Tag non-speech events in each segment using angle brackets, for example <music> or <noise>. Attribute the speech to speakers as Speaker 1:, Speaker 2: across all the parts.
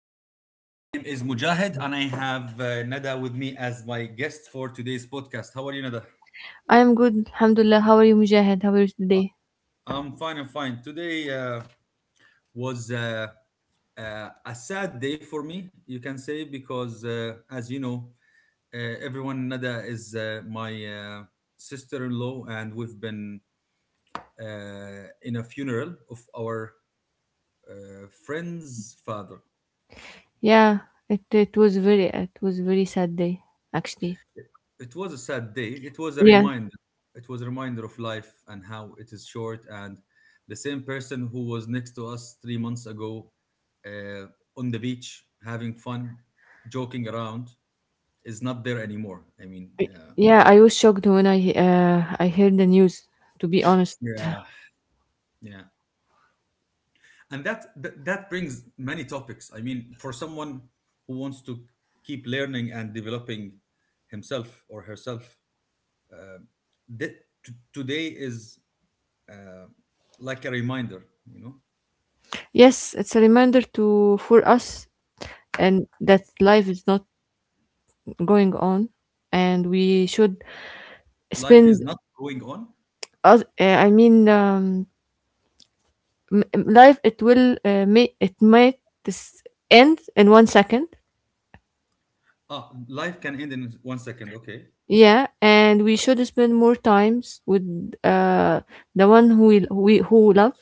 Speaker 1: I'm the host. My name is Mujahid, and I have Nada with me as my guest for today's podcast. How are you, Nada?
Speaker 2: I am good, Alhamdulillah. How are you, Mujahid? How was the day?
Speaker 1: I'm fine. I'm fine. Today was a sad day for me, you can say, because as you know, everyone, Nada is my sister-in-law, and we've been in a funeral of our friend's father.
Speaker 2: Yeah, it was very sad day actually.
Speaker 1: It was a sad day. It was a
Speaker 2: Yeah,
Speaker 1: reminder. It was a reminder of life and how it is short. And the same person who was next to us 3 months ago uh, on the beach having fun, joking around, is not there anymore.
Speaker 2: I- yeah. I was shocked when I heard the news. To be honest, <laughs>
Speaker 1: Yeah. yeah, and that brings many topics. I mean, for someone who wants to keep learning and developing himself or herself, uh, th- today is uh, like a reminder. You know,
Speaker 2: yes, it's a reminder to for us, and that life is not going on, and we should
Speaker 1: Life is
Speaker 2: spend.
Speaker 1: not going on.
Speaker 2: Us, I mean, life, it will may it might this end in 1 second.
Speaker 1: Ah, life can end in 1 second. Okay.
Speaker 2: Yeah, and we should spend more times with uh the one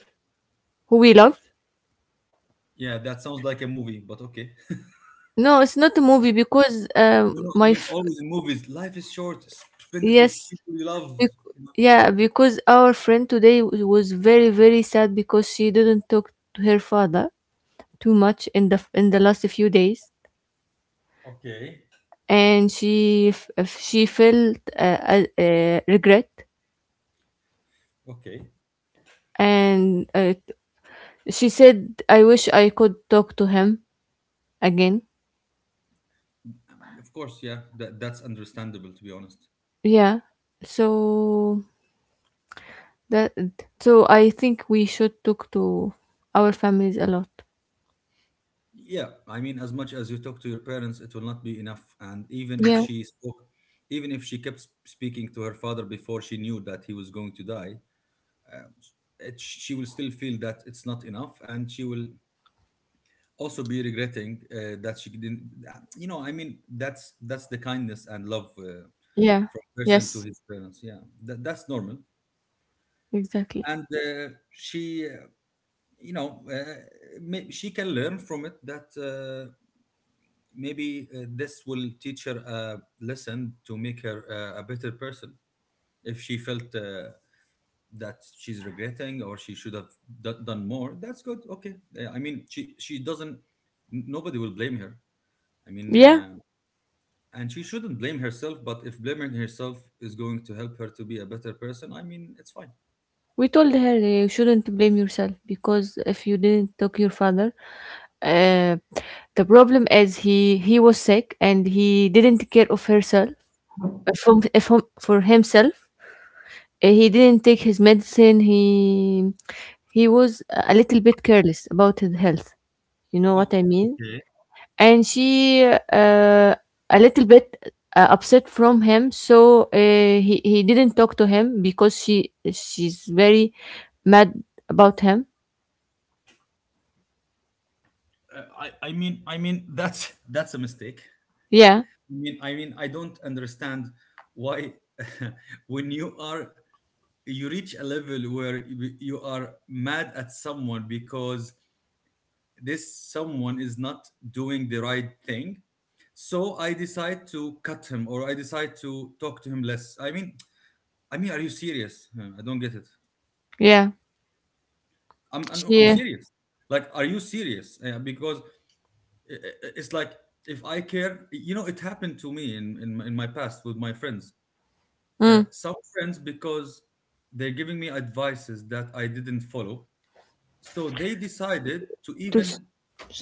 Speaker 2: who we love.
Speaker 1: Yeah, that sounds like a movie, but okay.
Speaker 2: No, it's not a movie because
Speaker 1: No, no, I mean, always in movies, life is short. Spend it with
Speaker 2: yes
Speaker 1: people you love.
Speaker 2: bec-
Speaker 1: you know.
Speaker 2: yeah, because our friend today was very very sad because she didn't talk to her father too much in the last few days,
Speaker 1: Okay.
Speaker 2: and she felt regret,
Speaker 1: Okay.
Speaker 2: and she said I wish I could talk to him again.
Speaker 1: Of course, yeah, that's understandable, to be honest.
Speaker 2: Yeah. So that so I think we should talk to our families a lot.
Speaker 1: Yeah, I mean, as much as you talk to your parents, it will not be enough. And even if
Speaker 2: Yeah.
Speaker 1: she spoke, even if she kept speaking to her father before she knew that he was going to die, uh, she will still feel that it's not enough, and she will also be regretting that she didn't. That's the kindness and love
Speaker 2: Yeah.
Speaker 1: from person to
Speaker 2: Yes,
Speaker 1: his parents, yeah, that's normal.
Speaker 2: exactly.
Speaker 1: And she you know may, She can learn from it that maybe this will teach her a lesson to make her a better person. If she felt that she's regretting or she should have done more, that's good. Okay. I mean, she doesn't. Nobody will blame her, i mean
Speaker 2: Yeah.
Speaker 1: uh, And she shouldn't blame herself, but if blaming herself is going to help her to be a better person, I mean, it's fine.
Speaker 2: We told her, you shouldn't blame yourself, because if you didn't talk your father, uh, the problem is he was sick and he didn't care of herself from for himself. He didn't take his medicine. He was a little bit careless about his health. You know what I
Speaker 1: Oh,
Speaker 2: mean?
Speaker 1: okay.
Speaker 2: And she a little bit upset from him, so he didn't talk to him because she's very mad about him.
Speaker 1: I mean, <laughs> that's a mistake.
Speaker 2: Yeah.
Speaker 1: I mean, I don't understand why <laughs> when you are, you reach a level where you are mad at someone because this someone is not doing the right thing, so I decide to cut him or I decide to talk to him less. I mean, are you serious? I don't get it.
Speaker 2: Yeah,
Speaker 1: I'm
Speaker 2: she
Speaker 1: serious. Like, are you serious? Because it's like, if I care, you know, it happened to me in my past with my friends.
Speaker 2: mm,
Speaker 1: Some friends, because they're giving me advices that I didn't follow, so they decided to
Speaker 2: to s-
Speaker 1: even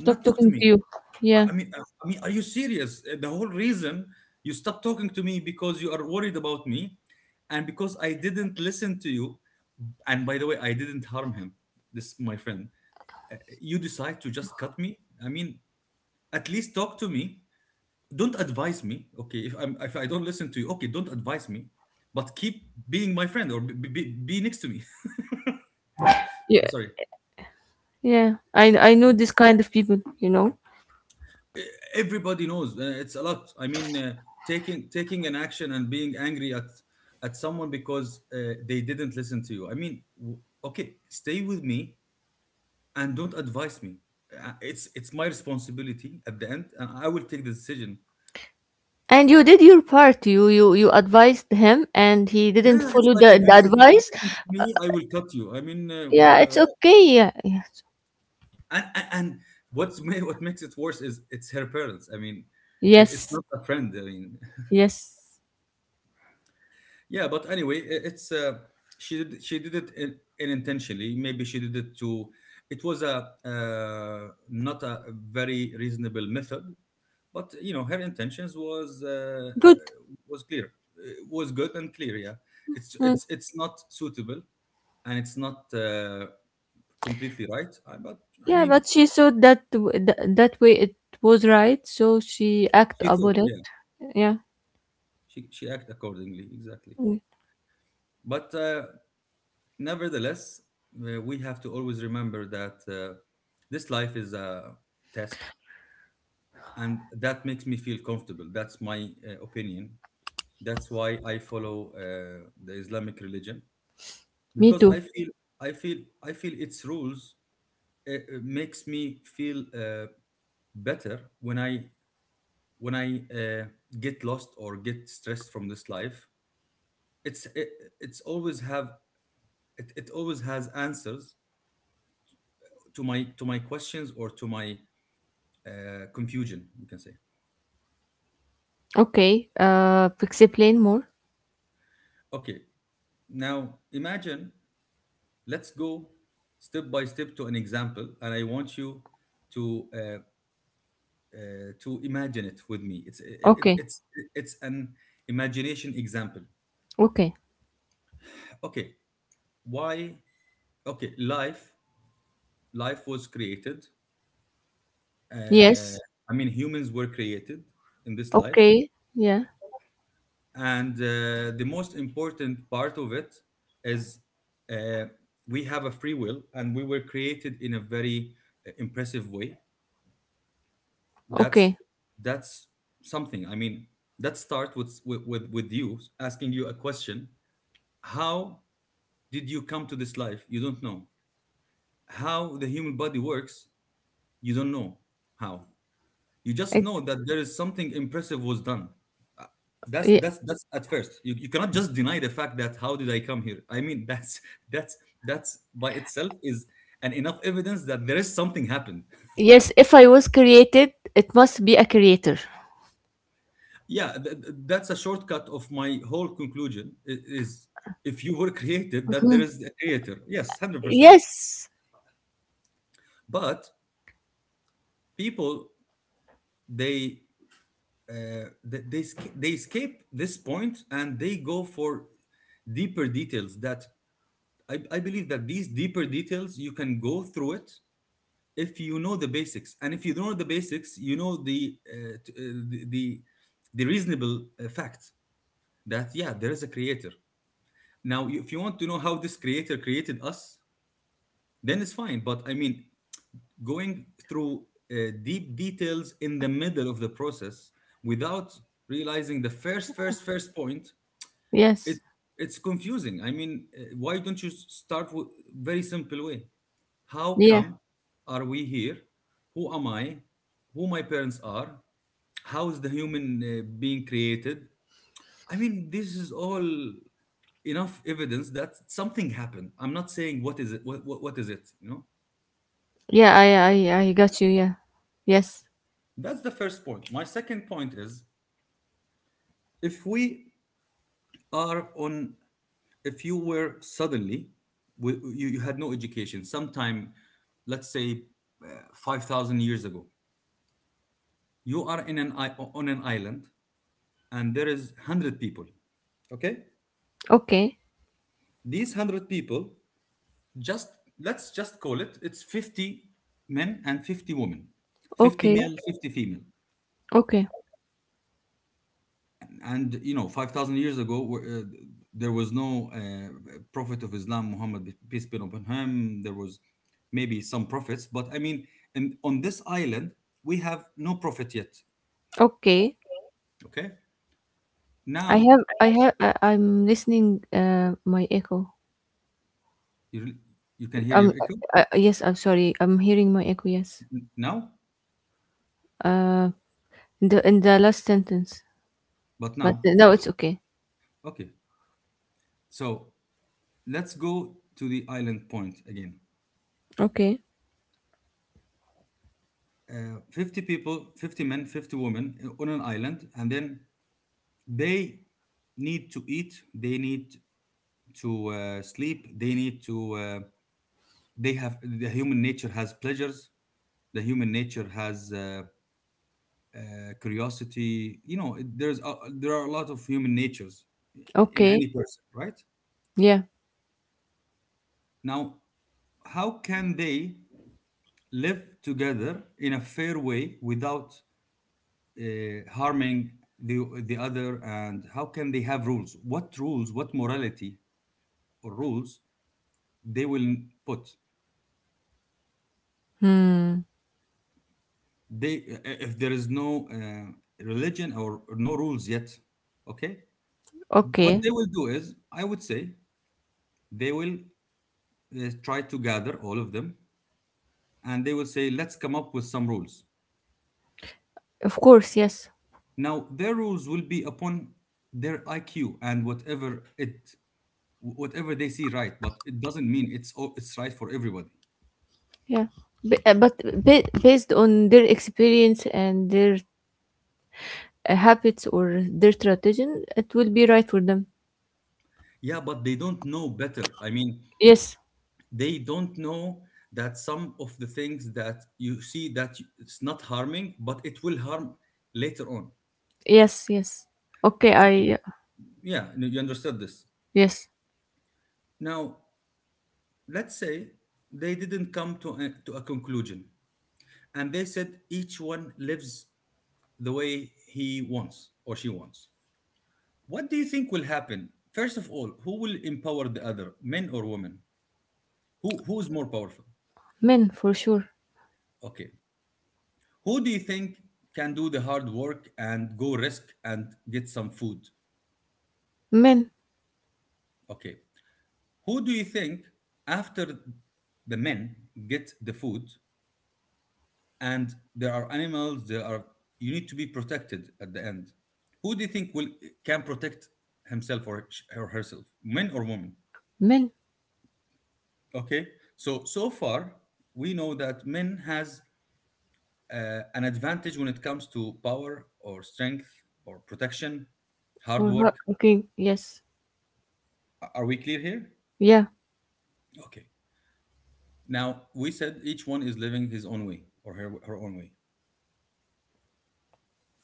Speaker 2: stop
Speaker 1: talk to
Speaker 2: talking to
Speaker 1: me.
Speaker 2: you. Yeah.
Speaker 1: I mean, are you serious? The whole reason you stopped talking to me, because you are worried about me, and because I didn't listen to you. And by the way, I didn't harm him. This my friend, you decide to just cut me. I mean, at least talk to me. Don't advise me. Okay, if I don't listen to you, okay, don't advise me, but keep being my friend or be next to me. <laughs>
Speaker 2: Yeah,
Speaker 1: Sorry.
Speaker 2: yeah, I know this kind of people, you know.
Speaker 1: E- Everybody knows, it's a lot. I mean, taking an action and being angry at someone because they didn't listen to you. I mean, okay, stay with me and don't advise me. It's my responsibility at the end, and I will take the decision.
Speaker 2: And you did your part, you you advised him and he didn't
Speaker 1: Yeah, it's
Speaker 2: follow
Speaker 1: like,
Speaker 2: the, the
Speaker 1: if you don't
Speaker 2: advice.
Speaker 1: listen to me, I will cut you. I mean,
Speaker 2: Yeah, it's okay, yeah, yes.
Speaker 1: and what's what makes it worse is it's her parents. I mean, it's
Speaker 2: Yes,
Speaker 1: not a friend. I mean, <laughs>
Speaker 2: yes,
Speaker 1: yeah, but anyway, I- it's she did, she did it, in, unintentionally. Maybe she did it to. It was a not a very reasonable method, but you know, her intentions was
Speaker 2: good.
Speaker 1: was clear. Was good and clear. Yeah, it's
Speaker 2: Mm.
Speaker 1: it's not suitable, and it's not completely right. But I
Speaker 2: Yeah,
Speaker 1: mean,
Speaker 2: but she thought that that way it was right, so she act
Speaker 1: she thought,
Speaker 2: about it.
Speaker 1: yeah,
Speaker 2: Yeah.
Speaker 1: she act accordingly, exactly.
Speaker 2: Mm.
Speaker 1: But nevertheless, we have to always remember that this life is a test, and that makes me feel comfortable. That's my opinion. That's why I follow the Islamic religion,
Speaker 2: Me
Speaker 1: because
Speaker 2: too.
Speaker 1: I feel, I feel, I feel its rules makes me feel better when I, when I uh, get lost or get stressed from this life. it's it, it's always have, it always has answers to my, to my questions or to my confusion, you can say.
Speaker 2: Okay. Explain more.
Speaker 1: Okay, now imagine, let's go step by step to an example, and I want you to uh, uh, to imagine it with me. It's it, it-
Speaker 2: Okay.
Speaker 1: it's an imagination example.
Speaker 2: Okay.
Speaker 1: Okay, why? Okay, life, life was created uh,
Speaker 2: Yes.
Speaker 1: I mean, humans were created in this life,
Speaker 2: Okay. Yeah.
Speaker 1: and the most important part of it is, uh, we have a free will, and we were created in a very impressive way. that's
Speaker 2: Okay.
Speaker 1: that's something. I mean, that starts with, you asking you a question. How did you come to this life? You don't know how the human body works. You don't know how. You just
Speaker 2: I,
Speaker 1: know that there is something impressive was done. Uh,
Speaker 2: y-
Speaker 1: that's at first. You cannot just deny the fact that how did I come here. I mean, <laughs> that's that's by itself is an enough evidence that there is something happened.
Speaker 2: yes. If I was created, it must be a creator.
Speaker 1: Yeah, that's a shortcut of my whole conclusion. Is, if you were <laughs> created, that there is a creator. Yes, 100%.
Speaker 2: Yes.
Speaker 1: But people, they they escape this point, and they go for deeper details. That, I believe that these deeper details you can go through it if you know the basics. And if you don't know the basics, you know the the, the the reasonable fact that yeah, there is a creator. Now, if you want to know how this creator created us, then it's fine. But I mean, going through uh, deep details in the middle of the process, without realizing the first point, it
Speaker 2: Yes.
Speaker 1: it's confusing. I mean, why don't you start with very simple way? How
Speaker 2: Yeah.
Speaker 1: come are we here? Who am I? Who my parents are? How is the human being created? I mean, this is all enough evidence that something happened. I'm not saying what is it, what is it, you know.
Speaker 2: Yeah. I got you. Yeah. Yes.
Speaker 1: That's the first point. My second point is, if we are on if you were suddenly, you had no education sometime. Let's say uh, 5,000 years ago, you are in an on an island, and there is 100 people. Okay,
Speaker 2: Okay.
Speaker 1: these 100 people, just let's just call it, it's 50 men and 50 women, 50
Speaker 2: Okay.
Speaker 1: male, 50 female.
Speaker 2: Okay.
Speaker 1: And you know, 5,000 years ago, there was no prophet of Islam Muhammad, peace be upon him. There was maybe some prophets, but I mean, and on this island, we have no prophet yet.
Speaker 2: Okay.
Speaker 1: Okay,
Speaker 2: I
Speaker 1: now,
Speaker 2: have. I have. I, I'm listening. My echo.
Speaker 1: you, you can hear
Speaker 2: Um,
Speaker 1: your echo
Speaker 2: yes, I'm sorry. I'm hearing my echo. Yes.
Speaker 1: now.
Speaker 2: Uh, in the last sentence,
Speaker 1: But
Speaker 2: but
Speaker 1: now,
Speaker 2: no, it's okay.
Speaker 1: okay, so let's go to the island point again.
Speaker 2: Okay.
Speaker 1: 50 people, 50 men, 50 women on an island, and then they need to eat, they need to sleep, they need to, the human nature has pleasures, the human nature has uh, curiosity. You know, there are a lot of human natures in
Speaker 2: Okay.
Speaker 1: any person, right?
Speaker 2: Yeah.
Speaker 1: Now, how can they live together in a fair way without harming the other? And how can they have rules? What rules, what morality or rules they will put?
Speaker 2: Hmm.
Speaker 1: They Uh, if there is no religion or no rules yet, okay, what
Speaker 2: Okay.
Speaker 1: they will do is, I would say, they will try to gather all of them, and they will say, let's come up with some rules.
Speaker 2: Of course. Yes.
Speaker 1: Now, their rules will be upon their IQ, and whatever it whatever they see right, but it doesn't mean it's all, it's right for everybody.
Speaker 2: Yeah. But based on their experience and their habits or their tradition, it will be right for them.
Speaker 1: Yeah, but they don't know better. I mean,
Speaker 2: Yes.
Speaker 1: they don't know that some of the things that you see that it's not harming, but it will harm later on.
Speaker 2: Yes. Yes. Okay.
Speaker 1: Okay,
Speaker 2: I.
Speaker 1: yeah, you understood this.
Speaker 2: Yes.
Speaker 1: Now, let's say they didn't come to to a conclusion, and they said each one lives the way he wants or she wants. What do you think will happen? First of all, who will empower the other, men or women? Who is more powerful?
Speaker 2: Men for sure.
Speaker 1: Okay. Who do you think can do the hard work and go risk and get some food?
Speaker 2: Men.
Speaker 1: Okay. Who do you think, after the men get the food and there are animals, there are, you need to be protected at the end. Who do you think will, can protect himself or herself? Men or women?
Speaker 2: Men.
Speaker 1: Okay. So far we know that men has an advantage when it comes to power or strength or protection, hard
Speaker 2: Or not.
Speaker 1: work.
Speaker 2: Okay. Yes.
Speaker 1: Are we clear here?
Speaker 2: Yeah.
Speaker 1: Okay. Now, we said each one is living his own way or her own way.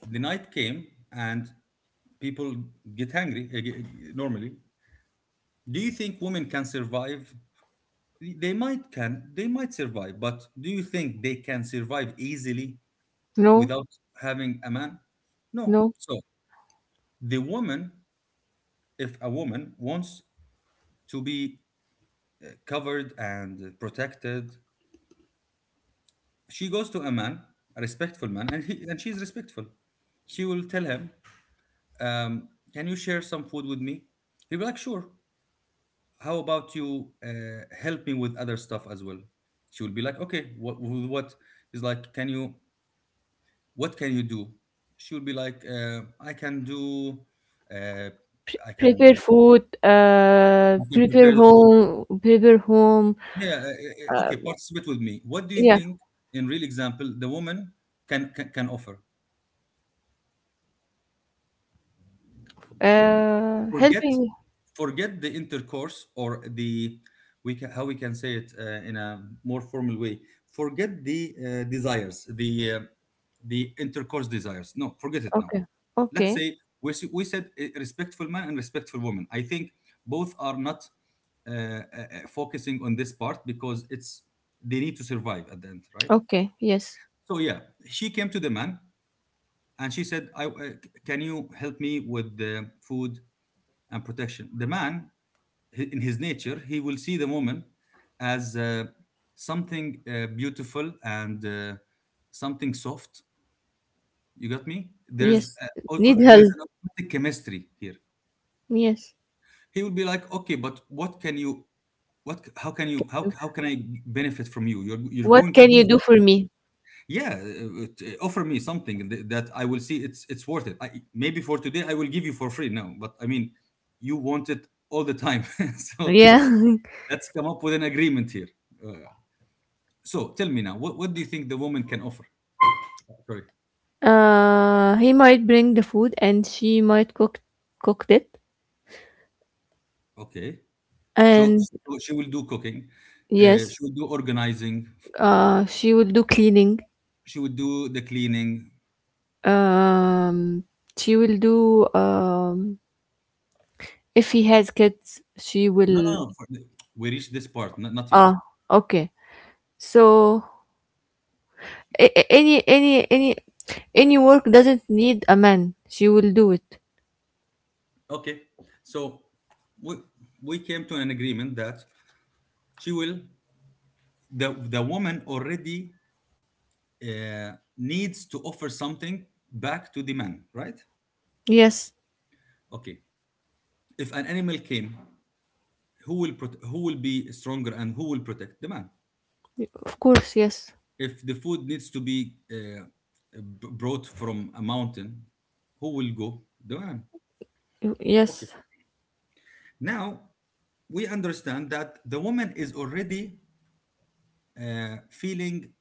Speaker 1: The night came and people get hungry, normally. Do you think women can survive? They might can, they might survive, but do you think they can survive easily
Speaker 2: No.
Speaker 1: without having a man? No.
Speaker 2: No.
Speaker 1: So, the woman, if a woman wants to be covered and protected, she goes to a man, a respectful man, and he and she's respectful, she will tell him, um, "Can you share some food with me?" He'll be like, "Sure. How about you help me with other stuff as well?" She will be like, "Okay, what, with what?" He's like, what can you do?" She will be like, I can do, uh, I can,
Speaker 2: Prepare
Speaker 1: uh,
Speaker 2: food,
Speaker 1: I can prepare the food."
Speaker 2: prepare home.
Speaker 1: Yeah,
Speaker 2: Uh,
Speaker 1: okay, participate with me. What do you
Speaker 2: yeah,
Speaker 1: think, in real example, the woman can offer? forget
Speaker 2: helping.
Speaker 1: forget the intercourse, or the we can, how we can say it, in a more formal way, forget the desires, the intercourse desires. No, forget it now.
Speaker 2: Okay,
Speaker 1: Let's
Speaker 2: okay,
Speaker 1: say we, we said, respectful man and respectful woman, I think both are not focusing on this part because it's they need to survive at the end, right?
Speaker 2: okay. Yes,
Speaker 1: So yeah, she came to the man and she said, "Can you help me with the food and protection?" The man, in his nature, he will see the woman as something beautiful and something soft. You got me? There's
Speaker 2: yes.
Speaker 1: a, o-
Speaker 2: Need
Speaker 1: o- there is
Speaker 2: help.
Speaker 1: an automatic chemistry here.
Speaker 2: Yes.
Speaker 1: He will be like, "Okay, but what can you? What? How can you? How can I benefit from you? You're
Speaker 2: What
Speaker 1: going to
Speaker 2: can you
Speaker 1: benefit.
Speaker 2: do for
Speaker 1: From,
Speaker 2: me?
Speaker 1: yeah, offer me something that I will see. It's worth it. Maybe for today I will give you for free now, but I mean, you want it all the time." <laughs> So
Speaker 2: Yeah. <laughs>
Speaker 1: let's come up with an agreement here. Uh, So tell me now, what do you think the woman can offer? Sorry.
Speaker 2: Uh, he might bring the food, and she might cooked it.
Speaker 1: Okay. So,
Speaker 2: And
Speaker 1: so she will do cooking. Uh, she
Speaker 2: yes,
Speaker 1: will do organizing.
Speaker 2: she will do cleaning.
Speaker 1: She will do the cleaning.
Speaker 2: Um, she will do if he has kids, she
Speaker 1: No, no,
Speaker 2: will-
Speaker 1: no. We reached this part. Not, not yet.
Speaker 2: Ah, okay. So a- a- any any any any work doesn't need a man. She will do it.
Speaker 1: Okay. So we, we came to an agreement that she will, the woman already uh, needs to offer something back to the man, right?
Speaker 2: Yes,
Speaker 1: Okay. If an animal came, who will be stronger and who will protect the man?
Speaker 2: of course. Yes,
Speaker 1: If the food needs to be brought from a mountain, who will go? The man. Okay.
Speaker 2: Yes.
Speaker 1: Now we understand that the woman is already feeling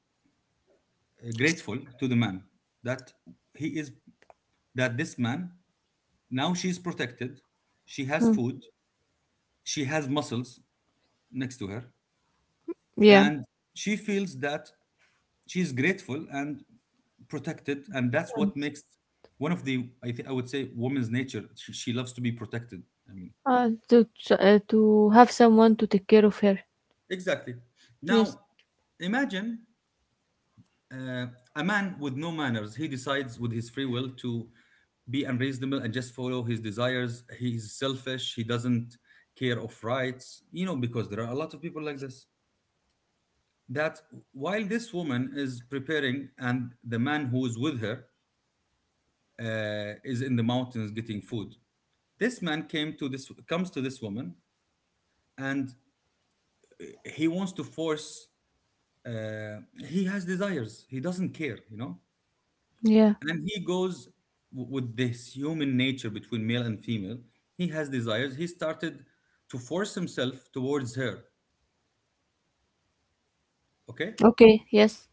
Speaker 1: grateful to the man, that he is that this man, now she is protected, she has
Speaker 2: Mm.
Speaker 1: food, she has muscles next to her,
Speaker 2: Yeah.
Speaker 1: and she feels that she's grateful and protected, and that's what makes, one of the, I think I would say, woman's nature, she loves to be protected, I mean,
Speaker 2: To to have someone to take care of her.
Speaker 1: exactly.
Speaker 2: Yes.
Speaker 1: Now imagine, uh, a man with no manners, he decides with his free will to be unreasonable and just follow his desires. He's selfish, he doesn't care of rights, you know, because there are a lot of people like this, that while this woman is preparing and the man who is with her is in the mountains getting food, This man came to this comes to this woman, and he wants to force. Uh, he has desires. He doesn't you know.
Speaker 2: Yeah.
Speaker 1: And he goes, with this human nature between male and female, he has desires. He started to force himself towards her. Okay,
Speaker 2: Okay. Yes.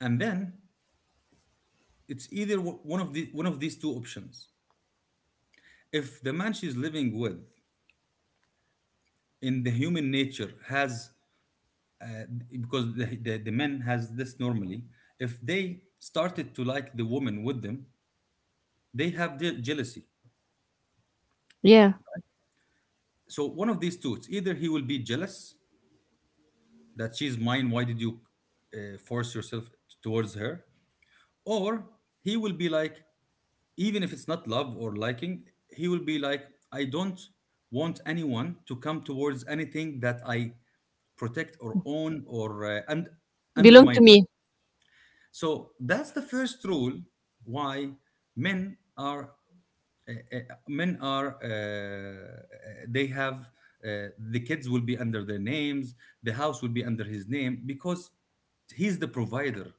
Speaker 1: and then it's either, one of these two options. If the man she's living with, in the human nature, has, uh, because the men has this normally, if they started to like the woman with them, they have jealousy.
Speaker 2: Yeah.
Speaker 1: So one of these two, it's either he will be jealous, that "she's mine, why did you, force yourself towards her?" Or he will be like, even if it's not love or liking, he will be like, "I don't want anyone to come towards anything that I protect or own, or and
Speaker 2: Belong to
Speaker 1: undermine."
Speaker 2: me.
Speaker 1: So that's the first rule why men are, uh, uh, men are uh, uh, they have, the kids will be under their names, the house will be under his name because he's the provider,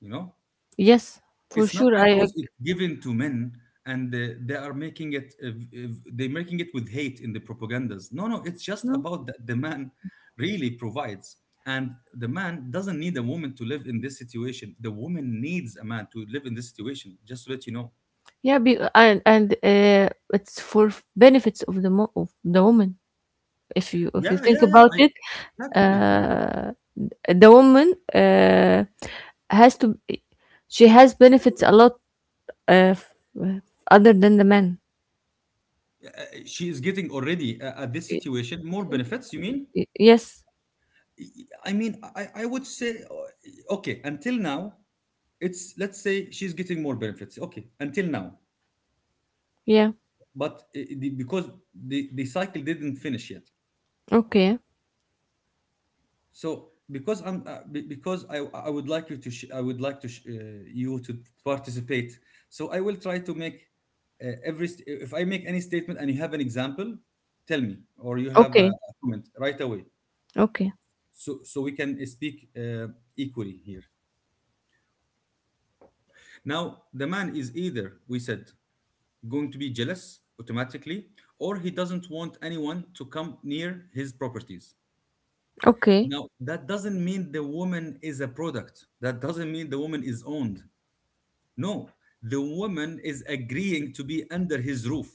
Speaker 1: you know
Speaker 2: Yes, for
Speaker 1: It's not
Speaker 2: sure.
Speaker 1: because it's given to men, and they are making it, they're making it with hate in the propagandas. No, no, it's just
Speaker 2: Mm.
Speaker 1: about that the man really provides, and the man doesn't need a woman to live in this situation. The woman needs a man to live in this situation, just to let you know.
Speaker 2: Yeah. Be, and it's for benefits of the woman. If you
Speaker 1: Yeah,
Speaker 2: think
Speaker 1: yeah, yeah,
Speaker 2: about it.
Speaker 1: exactly.
Speaker 2: Uh, the woman has to she has benefits a lot uh, f- other than the man.
Speaker 1: She is getting already, at this
Speaker 2: Y-
Speaker 1: situation, more benefits, you mean?
Speaker 2: yes.
Speaker 1: I mean, I would say, okay, until now, it's let's say she's getting more benefits, okay, until now.
Speaker 2: Yeah.
Speaker 1: But because the cycle didn't finish yet.
Speaker 2: Okay.
Speaker 1: So because because I would like you to sh- I would like to sh- you to participate. So I will try to make, if I make any statement and you have an example, tell me, or you have
Speaker 2: Okay.
Speaker 1: a comment right away.
Speaker 2: Okay.
Speaker 1: So we can speak equally here. Now the man is, either we said, going to be jealous automatically, or he doesn't want anyone to come near his properties.
Speaker 2: Okay.
Speaker 1: Now, that doesn't mean the woman is a product. That doesn't mean the woman is owned. No, the woman is agreeing to be under his roof.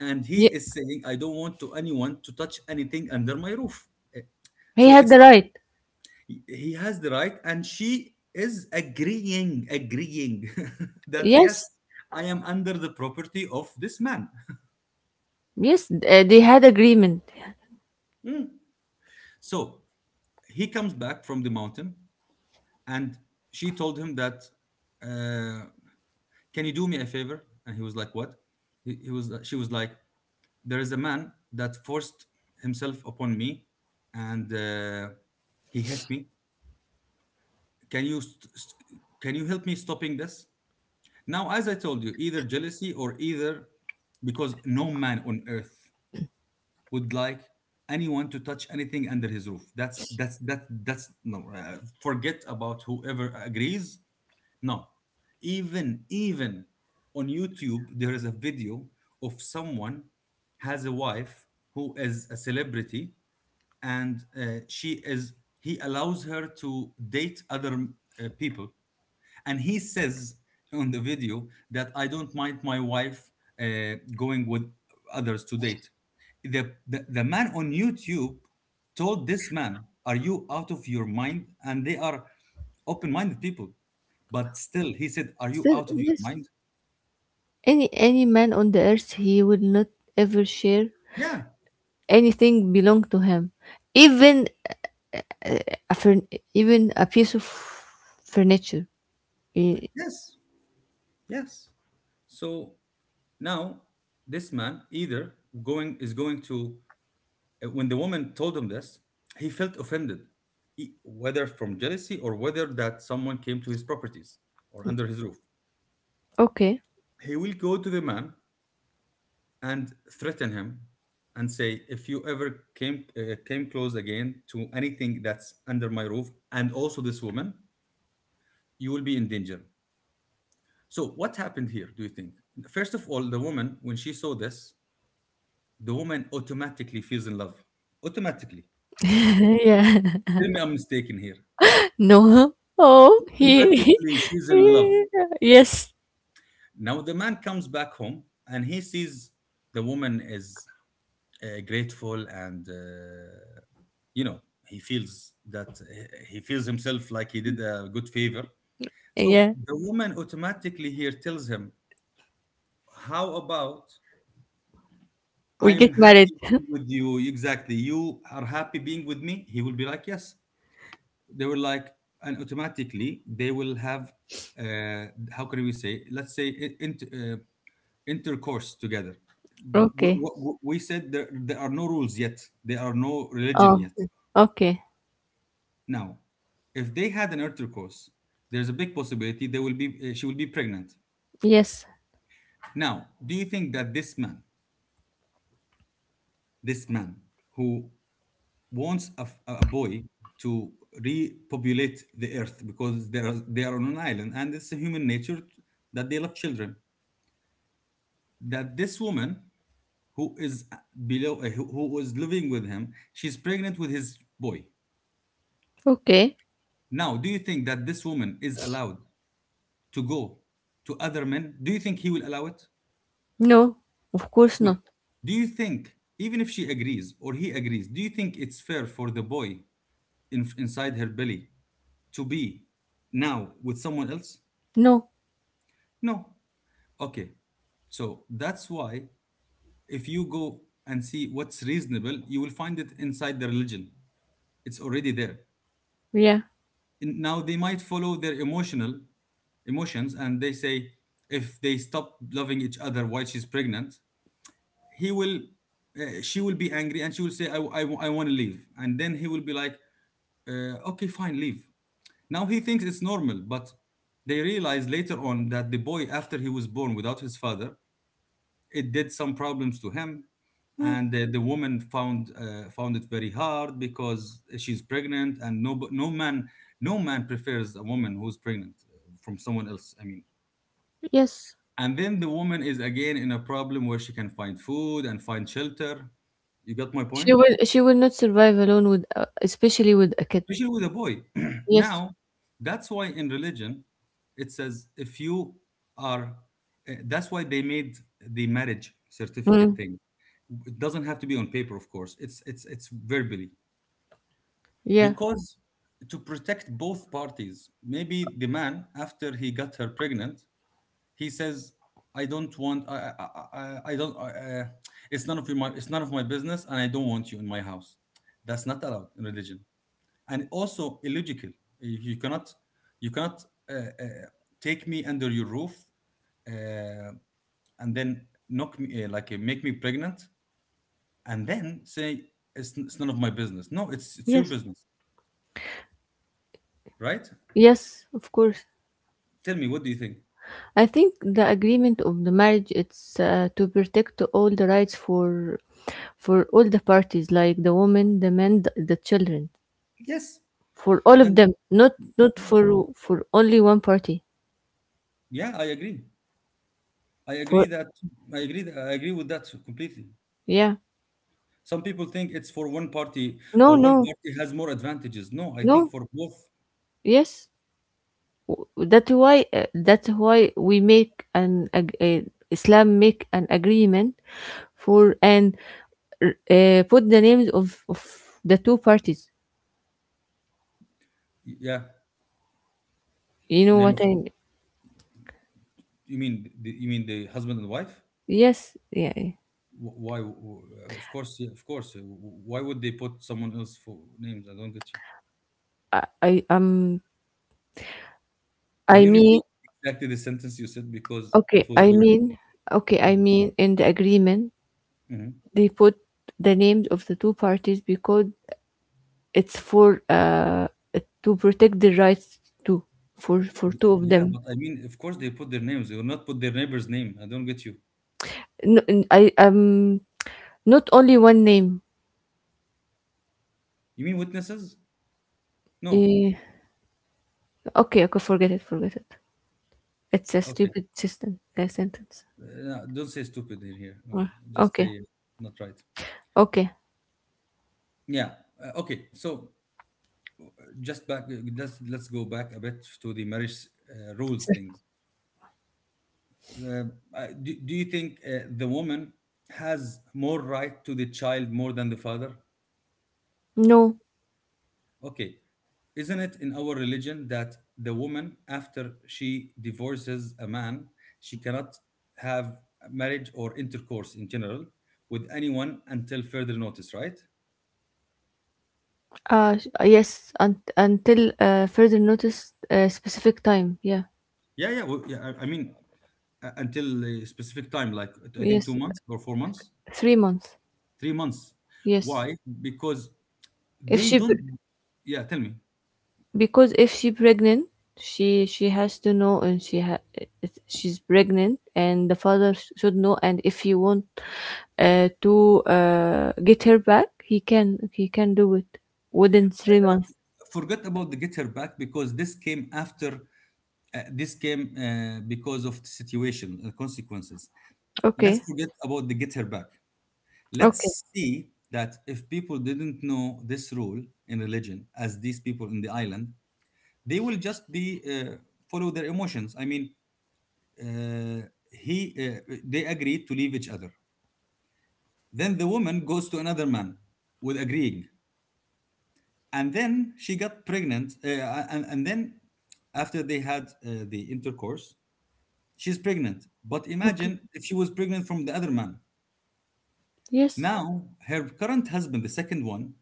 Speaker 1: And he
Speaker 2: Yeah.
Speaker 1: is saying, "I don't want to anyone to touch anything under my roof." Eh,
Speaker 2: He
Speaker 1: So
Speaker 2: had
Speaker 1: it's
Speaker 2: the
Speaker 1: not,
Speaker 2: right.
Speaker 1: he has the right, and she is agreeing, agreeing <laughs> that, "Yes,
Speaker 2: Yes.
Speaker 1: I am under the property of this man."
Speaker 2: Yes, they had agreement.
Speaker 1: Mm. So he comes back from the mountain, and she told him that, uh, "Can you do me a favor?" And he was like, "What?" He was She was like, "There is a man that forced himself upon me, and he hit me. Can you help me stopping this?" Now, as I told you, either jealousy or either, because no man on earth would like anyone to touch anything under his roof. That's no, forget about whoever agrees. No, even on YouTube, there is a video of someone has a wife who is a celebrity, and she is he allows her to date other, people, and he says on the video that, "I don't mind my wife going with others to date." The man on YouTube told this man, "Are you out of your mind?" And they are open-minded people, but still, he said, "Are you
Speaker 2: So,
Speaker 1: out of your
Speaker 2: yes,
Speaker 1: mind?"
Speaker 2: any man on the earth, he will not ever share
Speaker 1: Yeah,
Speaker 2: anything belong to him, even a furn- a piece of furniture. Y-
Speaker 1: yes, yes. So now this man, either going is going to when the woman told him this, he felt offended, whether from jealousy or whether that someone came to his properties or under his roof.
Speaker 2: okay.
Speaker 1: He will go to the man and threaten him and say, "If you ever came, close again to anything that's under my roof, and also this woman, you will be in danger." So what happened here, do you think? First of all, the woman, when she saw this, the woman automatically feels in love. Automatically.
Speaker 2: Yeah.
Speaker 1: Tell me I'm mistaken here.
Speaker 2: <laughs> No. Oh, he. He-
Speaker 1: Automatically, she's in love.
Speaker 2: Yeah. Yes.
Speaker 1: Now the man comes back home and he sees the woman is grateful and you know he feels that he feels himself like he did a good favor. So
Speaker 2: Yeah.
Speaker 1: the woman automatically here tells him, "How about,
Speaker 2: We get
Speaker 1: I'm
Speaker 2: married.
Speaker 1: happy
Speaker 2: <laughs>
Speaker 1: being with you." Exactly. "You are happy being with me." He will be like, "Yes." They will like, and automatically they will have, uh, how can we say, let's say, in- uh, intercourse together. We,
Speaker 2: Okay.
Speaker 1: we, we said, there are no rules yet, there are no religion
Speaker 2: Oh,
Speaker 1: yet.
Speaker 2: okay.
Speaker 1: Now, if they had an intercourse, there's a big possibility she will be pregnant.
Speaker 2: Yes.
Speaker 1: Now, do you think that this man, this man who wants a, a boy to repopulate the earth because they are on an island and it's a human nature that they love children, that this woman who is below, who was living with him, she's pregnant with his boy.
Speaker 2: Okay.
Speaker 1: Now, do you think that this woman is allowed to go to other men? Do you think he will allow it?
Speaker 2: No. Of course
Speaker 1: No.
Speaker 2: not.
Speaker 1: Do you think, even if she agrees or he agrees, do you think it's fair for the boy inside her belly to be now with someone else?
Speaker 2: No.
Speaker 1: No. Okay. So that's why if you go and see what's reasonable, you will find it inside the religion. It's already there.
Speaker 2: Yeah.
Speaker 1: And now they might follow their emotional emotions and they say, if they stop loving each other while she's pregnant, he will she will be angry and she will say, I want to leave. And then he will be like, okay, fine, leave. Now he thinks it's normal, but they realize later on that the boy, after he was born without his father, it did some problems to him.
Speaker 2: Mm,
Speaker 1: And the woman found, found it very hard because she's pregnant and no man, no man prefers a woman who's pregnant from someone else, I mean.
Speaker 2: yes.
Speaker 1: And then the woman is again in a problem, where she can find food and find shelter. You got my
Speaker 2: She
Speaker 1: point?
Speaker 2: will. She will not survive alone with, especially with a kid.
Speaker 1: Especially with a boy. <clears throat>
Speaker 2: Yes.
Speaker 1: Now, that's why in religion, it says, if you are, that's why they made the marriage certificate
Speaker 2: Mm.
Speaker 1: thing. It doesn't have to be on paper, of course, it's verbally,
Speaker 2: Yeah.
Speaker 1: because to protect both parties. Maybe the man, after he got her pregnant, he says, I don't want I don't, it's none of your my it's none of my business and I don't want you in my house. That's not allowed in religion, and also illogical. You cannot, you cannot, uh, uh, take me under your roof, uh, and then knock me, like, make me pregnant, and then say, it's none of my business. No, it's your
Speaker 2: Yes.
Speaker 1: business, right?
Speaker 2: Yes. Of course.
Speaker 1: Tell me, what do you think?
Speaker 2: I think the agreement of the marriage it's to protect all the rights for all the parties, like the woman, the men, the children,
Speaker 1: Yes,
Speaker 2: for all of
Speaker 1: and
Speaker 2: them, not not
Speaker 1: yeah,
Speaker 2: for for only one party.
Speaker 1: yeah I agree
Speaker 2: For
Speaker 1: that I agree That, I agree with that completely.
Speaker 2: yeah,
Speaker 1: Some people think it's for one party,
Speaker 2: no,
Speaker 1: or one
Speaker 2: no,
Speaker 1: party has more advantages. No, I think
Speaker 2: no,
Speaker 1: for both.
Speaker 2: yes. That's why we make Islam make an agreement for and put the names of the two parties.
Speaker 1: Yeah,
Speaker 2: You know
Speaker 1: name
Speaker 2: what
Speaker 1: of,
Speaker 2: I mean?
Speaker 1: you mean you mean the husband and wife.
Speaker 2: Yes, yeah, yeah.
Speaker 1: Wh- why wh- of course, yeah, of course. Why would they put someone else for names? I don't get you.
Speaker 2: I I um
Speaker 1: Can
Speaker 2: I
Speaker 1: you
Speaker 2: mean
Speaker 1: repeat exactly the sentence you said, because it
Speaker 2: okay
Speaker 1: was
Speaker 2: I
Speaker 1: weird?
Speaker 2: mean okay, I
Speaker 1: Mm-hmm.
Speaker 2: mean in the agreement
Speaker 1: Mhm.
Speaker 2: they put the names of the two parties because it's for to protect the rights to for two of
Speaker 1: Yeah,
Speaker 2: them.
Speaker 1: but I mean, of course they put their names. They will not put their neighbor's name. I don't get you.
Speaker 2: I not only one name.
Speaker 1: You mean witnesses? No.
Speaker 2: Eh, okay, okay, forget it, forget it. It's a
Speaker 1: Okay.
Speaker 2: stupid system. A sentence.
Speaker 1: Uh, no, don't say stupid in here. No,
Speaker 2: Mm.
Speaker 1: just
Speaker 2: Okay,
Speaker 1: say, not right.
Speaker 2: okay.
Speaker 1: Yeah. Okay. So just back. Let's go back a bit to the marriage, rules
Speaker 2: So-
Speaker 1: things. Uh, do, do you think, the woman has more right to the child more than the father?
Speaker 2: No.
Speaker 1: Okay. Isn't it in our religion that the woman, after she divorces a man, she cannot have marriage or intercourse in general with anyone until further notice, right?
Speaker 2: Yes. Until further notice, specific time. Yeah.
Speaker 1: Yeah, yeah. Well, yeah, I mean, until a specific time, like I think two
Speaker 2: Yes,
Speaker 1: months or 4 months,
Speaker 2: 3 months.
Speaker 1: 3 months.
Speaker 2: Yes.
Speaker 1: Why? Because
Speaker 2: If
Speaker 1: they
Speaker 2: she b-
Speaker 1: don't. Yeah, tell me.
Speaker 2: because if she pregnant, she has to know and she's pregnant and the father should know, and if he want to get her back, he can do it within 3 months.
Speaker 1: Forget about the get her back, because this came after. This came, because of the situation, the consequences. Let's
Speaker 2: Okay.
Speaker 1: forget about the get her back.
Speaker 2: Okay.
Speaker 1: Let's see that if people didn't know this rule in religion, as these people in the island, they will just be, follow their emotions. I mean, he they agreed to leave each other. Then the woman goes to another man with agreeing, and then she got pregnant. And then after they had, the intercourse, she's pregnant. But
Speaker 2: Okay.
Speaker 1: imagine if she was pregnant from the other man.
Speaker 2: Yes,
Speaker 1: Now her current husband, the second one,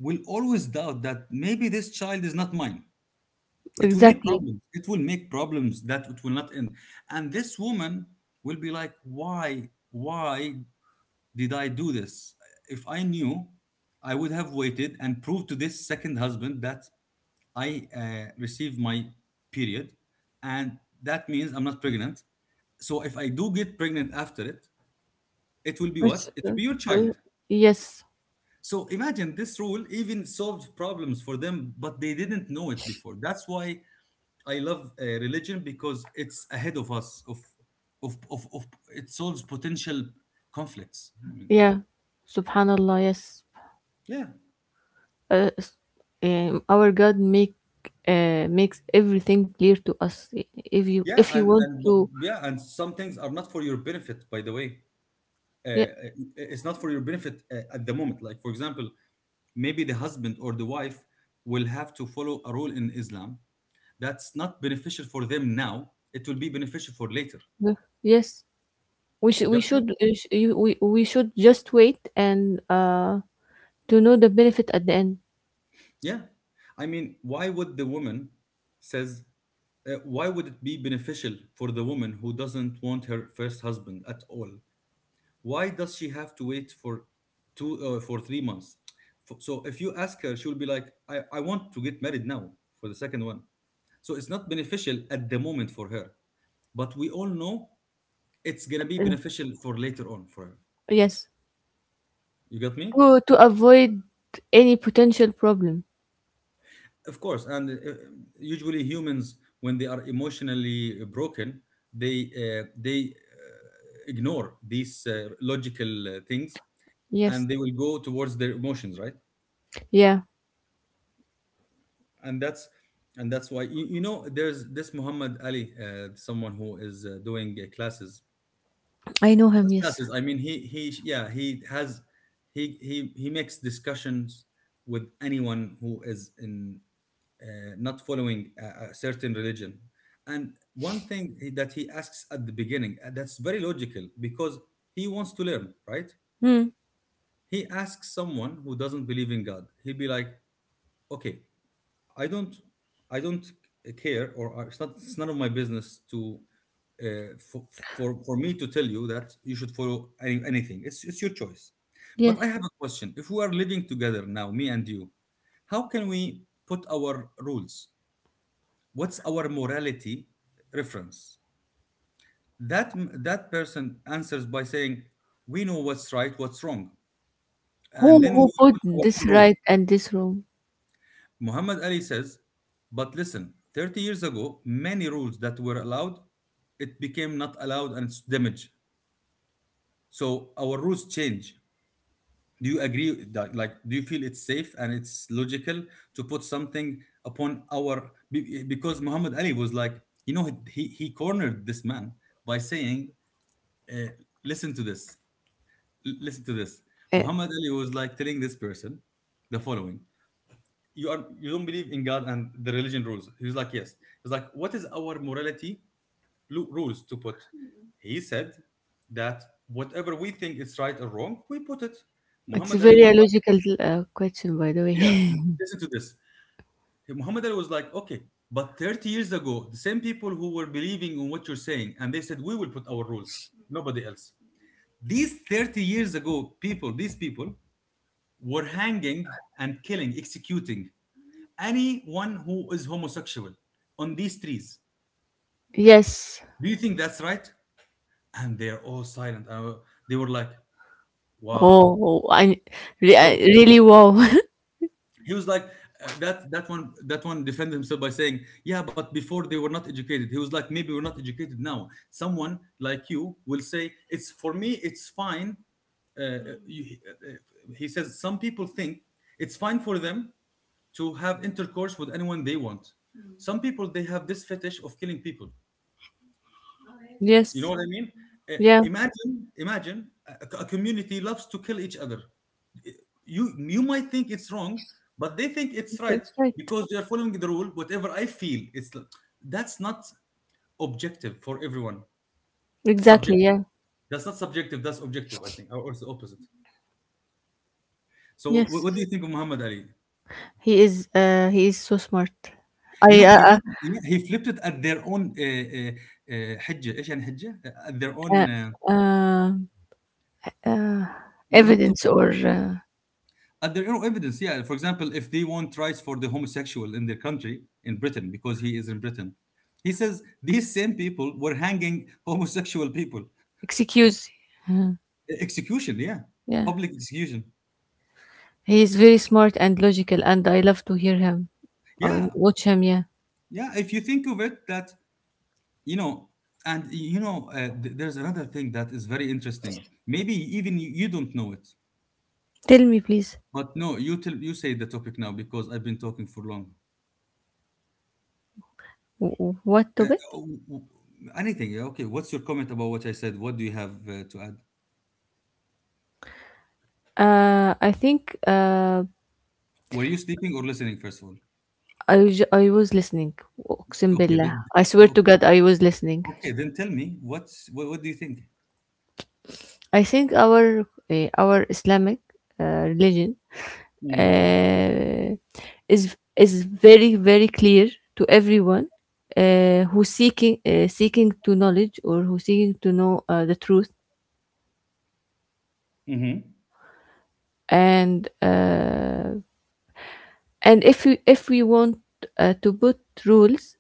Speaker 1: will always doubt that maybe this child is not mine. It will make
Speaker 2: exactly.
Speaker 1: problems. It will make problems that it will not end. And this woman will be like, why did I do this? If I knew, I would have waited and proved to this second husband that I, received my period. And that means I'm not pregnant. So if I do get pregnant after it, it will be
Speaker 2: It's,
Speaker 1: what? It will be your
Speaker 2: uh,
Speaker 1: child.
Speaker 2: yes.
Speaker 1: So imagine, this rule even solved problems for them, but they didn't know it before. That's why I love, religion, because it's ahead of us. Of it solves potential conflicts. I mean,
Speaker 2: Yeah. Subhanallah. Yes.
Speaker 1: yeah,
Speaker 2: uh, s- our God make makes everything clear to us.
Speaker 1: yeah,
Speaker 2: If you want to,
Speaker 1: yeah, and some things are not for your benefit. By the way, uh, uh,
Speaker 2: yeah,
Speaker 1: it's not for your benefit, at the moment. Like, for example, maybe the husband or the wife will have to follow a rule in Islam that's not beneficial for them now. It will be beneficial for later.
Speaker 2: yeah, yes, we should
Speaker 1: You got.
Speaker 2: we should just wait and to know the benefit at the end.
Speaker 1: Yeah. I mean, why would the woman says, why would it be beneficial for the woman who doesn't want her first husband at all? Why does she have to wait for two for 3 months? So if you ask her, she'll be like, I want to get married now for the second one. So it's not beneficial at the moment for her. But we all know it's gonna be
Speaker 2: Uh,
Speaker 1: beneficial for later on for her.
Speaker 2: yes,
Speaker 1: You got me?
Speaker 2: to avoid any potential problem.
Speaker 1: Of course, and, usually humans, when they are emotionally broken, they, ignore these, logical, things,
Speaker 2: Yes,
Speaker 1: and they will go towards their emotions, right?
Speaker 2: yeah,
Speaker 1: And that's, and that's why, you know, there's this Muhammad Ali, someone who is, doing, classes,
Speaker 2: I know
Speaker 1: not
Speaker 2: him. Yes.
Speaker 1: classes. I mean, he yeah, he has, he makes discussions with anyone who is in, not following a certain religion. And one thing that he asks at the beginning, that's very logical, because he wants to learn, right?
Speaker 2: Hmm.
Speaker 1: He asks someone who doesn't believe in God. He'll be like, "Okay, I don't, I don't care, or it's not, it's none of my business to." Uh, for, for me to tell you that you should follow any, anything, it's your choice. But
Speaker 2: Yes.
Speaker 1: I have a question. If we are living together now, me and you, how can we put our rules? What's our morality reference? that that person answers by saying, we know what's right, what's wrong, and then we
Speaker 2: Who
Speaker 1: will
Speaker 2: put
Speaker 1: put our own
Speaker 2: this
Speaker 1: rules.
Speaker 2: right and this wrong?
Speaker 1: Muhammad Ali says, but listen, 30 years ago, many rules that were allowed, it became not allowed and it's damaged. So our rules change. Do you agree with that? Like, do you feel it's safe and it's logical to put something upon our, because Muhammad Ali was like, you know, he cornered this man by saying, uh, listen to this. Listen to this.
Speaker 2: Uh,
Speaker 1: Muhammad Ali was like, telling this person the following: "You are, you don't believe in God and the religion rules." He was like, "Yes." He's like, "What is our morality rules to put?" He said that whatever we think is right or wrong, we put it.
Speaker 2: it's a
Speaker 1: Muhammad Ali
Speaker 2: very
Speaker 1: was like,
Speaker 2: logical question, by the
Speaker 1: "Yeah,
Speaker 2: way. <laughs>
Speaker 1: listen to this." Muhammad Ali was like, "Okay. But 30 years ago, the same people who were believing in what you're saying, and they said, we will put our rules, nobody else. These 30 years ago, these people, were hanging and killing, executing anyone who is homosexual on these trees.
Speaker 2: Yes.
Speaker 1: Do you think that's right?" And they're all silent. They were like, "Wow."
Speaker 2: Oh, I
Speaker 1: So
Speaker 2: really wow. <laughs>
Speaker 1: he was like, that one, that one defended himself by saying, yeah, but before they were not educated." He was like, "Maybe we're not educated now. Someone like you will say it's for me. It's fine." Uh, you, uh, he says some people think it's fine for them to have intercourse with anyone they want. Some people they have this fetish of killing people, you know
Speaker 2: Yes.
Speaker 1: what I mean Uh,
Speaker 2: Yeah,
Speaker 1: imagine, a, a community loves to kill each other. Eh, you might think it's wrong, but they think it's right
Speaker 2: that's right.
Speaker 1: because they are following the rule. Whatever I feel it's that's not objective for everyone.
Speaker 2: Exactly.
Speaker 1: Subjective.
Speaker 2: Yeah.
Speaker 1: That's not subjective, that's objective, I think. Or it's the opposite. So what
Speaker 2: Yes.
Speaker 1: do you think of Muhammad Ali?
Speaker 2: He is. He is so smart.
Speaker 1: You
Speaker 2: I.
Speaker 1: know, he he flipped it at their own حجه ايش يعني حجه, at their own
Speaker 2: Uh, uh, um, uh,
Speaker 1: not to,
Speaker 2: evidence or
Speaker 1: at their own evidence. Yeah, for example, if they want rights for the homosexual in their country, in Britain, because he is in Britain, he says these same people were hanging homosexual people.
Speaker 2: excuse. Uh,
Speaker 1: Execution, yeah.
Speaker 2: yeah.
Speaker 1: Public execution.
Speaker 2: He is very smart and logical, and I love to hear him and
Speaker 1: Yeah.
Speaker 2: watch him. Yeah.
Speaker 1: Yeah, if you think of it, that, you know and you know, there's another thing that is very interesting, maybe even you don't know it.
Speaker 2: Tell me, please,
Speaker 1: But no, you tell, you say the topic now, because I've been talking for long.
Speaker 2: what
Speaker 1: uh,
Speaker 2: topic?
Speaker 1: w- w- anything. Yeah, okay, what's your comment about what I said? What do you have to add?
Speaker 2: I think.
Speaker 1: Were you sleeping or listening, first of all?
Speaker 2: I was listening. Uqsim
Speaker 1: Okay,
Speaker 2: billah.
Speaker 1: then,
Speaker 2: I swear
Speaker 1: o-
Speaker 2: to God, I was listening.
Speaker 1: okay, then tell me what's what. What do you think?
Speaker 2: I think our Islamic uh, religion
Speaker 1: Mm.
Speaker 2: uh, is very very clear to everyone who seeking seeking to knowledge or who seeking to know the truth,
Speaker 1: Mm-hmm.
Speaker 2: and uh, and if we want to put rules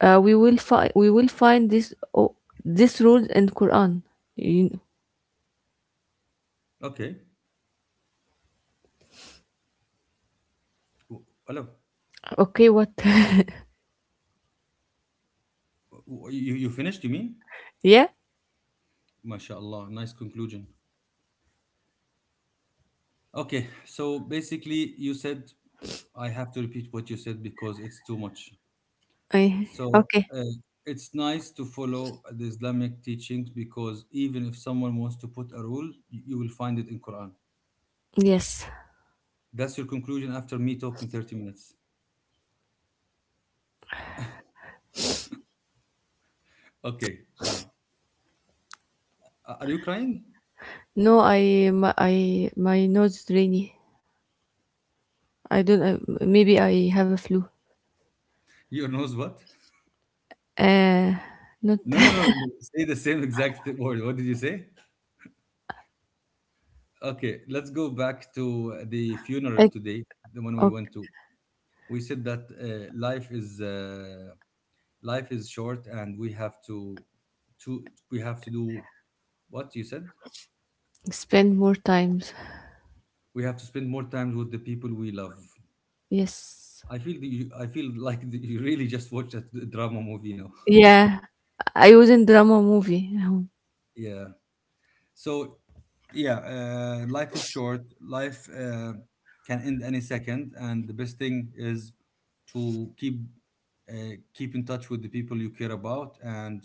Speaker 2: we will find this rules in Quran. You-
Speaker 1: Okay. Hello.
Speaker 2: okay, what. <laughs>
Speaker 1: You, you finished, you mean?
Speaker 2: Yeah,
Speaker 1: MashaAllah, nice conclusion. Okay, so basically, you said, I have to repeat what you said because it's too much.
Speaker 2: I
Speaker 1: So
Speaker 2: okay.
Speaker 1: uh, it's nice to follow the Islamic teachings, because even if someone wants to put a rule, you will find it in Quran.
Speaker 2: Yes.
Speaker 1: That's your conclusion after me talking 30 minutes. Okay, fine. Are you crying?
Speaker 2: No, I my nose is rainy. I don't. Maybe I have a flu.
Speaker 1: Your nose what?
Speaker 2: Uh, not.
Speaker 1: No, no,
Speaker 2: <laughs>
Speaker 1: no. Say the same exact word. What did you say? Okay, let's go back to the funeral
Speaker 2: I
Speaker 1: today, the one we
Speaker 2: okay,
Speaker 1: went to. We said that life is short, and we have to we have to do what you said.
Speaker 2: spend more times.
Speaker 1: We have to spend more time with the people we love.
Speaker 2: Yes.
Speaker 1: I feel that I feel like <laughs> that you really just watched a drama movie now.
Speaker 2: Yeah, I was in drama movie.
Speaker 1: <laughs> Yeah. So, yeah, life is short. Life can end any second, and the best thing is to keep keep in touch with the people you care about, and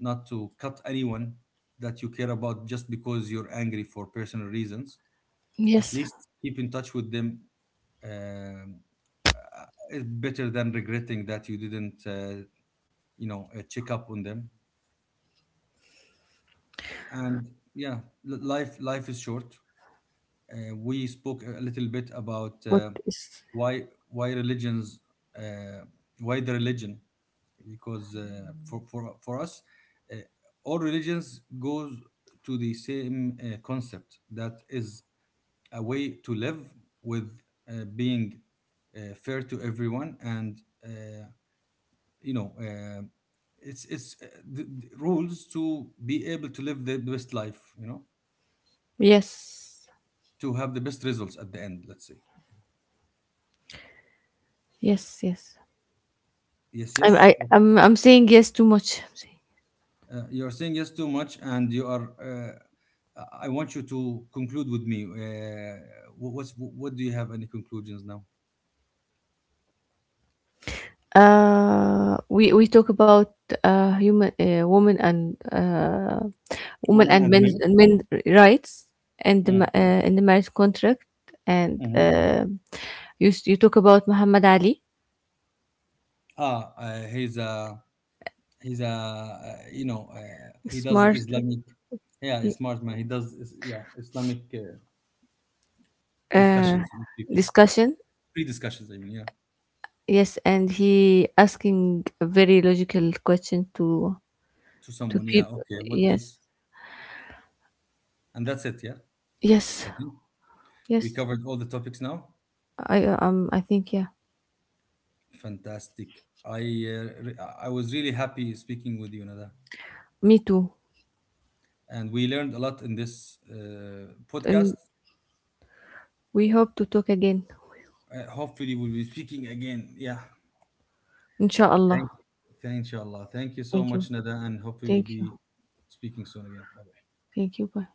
Speaker 1: not to cut anyone that you care about just because you're angry for personal reasons. At
Speaker 2: Yes,
Speaker 1: least keep in touch with them. um uh, it's better than regretting that you didn't, you know, check up on them. And yeah, life is short. Uh, we spoke a little bit about
Speaker 2: what is?
Speaker 1: why religions, uh, why the religion, because for us, uh, all religions goes to the same concept, that is a way to live with being fair to everyone. And you know uh, the rules to be able to live the best life, you know,
Speaker 2: Yes,
Speaker 1: to have the best results at the end, let's say.
Speaker 2: yes, yes.
Speaker 1: Yes, yes.
Speaker 2: I'm saying yes too much. I'm saying.
Speaker 1: You're saying yes too much, and you are. I want you to conclude with me. What do you have, any conclusions now?
Speaker 2: We talk about human women and women
Speaker 1: Woman
Speaker 2: and
Speaker 1: and
Speaker 2: men,
Speaker 1: men.
Speaker 2: men rights, and
Speaker 1: Mm,
Speaker 2: in the marriage contract, and
Speaker 1: mhm.
Speaker 2: you you talk about Muhammad Ali,
Speaker 1: Ah, he's a he's a you know, he does
Speaker 2: smart,
Speaker 1: Islamic. Yeah, he's smart man. He does yeah, Islamic
Speaker 2: uh
Speaker 1: discussions with people,
Speaker 2: discussion.
Speaker 1: free discussions. I mean, yeah,
Speaker 2: Yes, and he asking a very logical question
Speaker 1: to
Speaker 2: to
Speaker 1: someone. Yeah,
Speaker 2: people.
Speaker 1: okay. What else?
Speaker 2: Yes.
Speaker 1: And that's it. Yeah,
Speaker 2: Yes.
Speaker 1: I think we
Speaker 2: Yes.
Speaker 1: covered all the topics now.
Speaker 2: I think yeah,
Speaker 1: Fantastic. I I was really happy speaking with you, Nada,
Speaker 2: me too.
Speaker 1: and we learned a lot in this podcast.
Speaker 2: And we hope to talk again,
Speaker 1: Hopefully, we'll be speaking again. Yeah.
Speaker 2: inshallah.
Speaker 1: Thank. Thank. Inshallah. Thank you so
Speaker 2: Thank you.
Speaker 1: much, Nada, and hopefully, we'll
Speaker 2: Thank you.
Speaker 1: be speaking soon again. Bye.
Speaker 2: Thank you. Bye.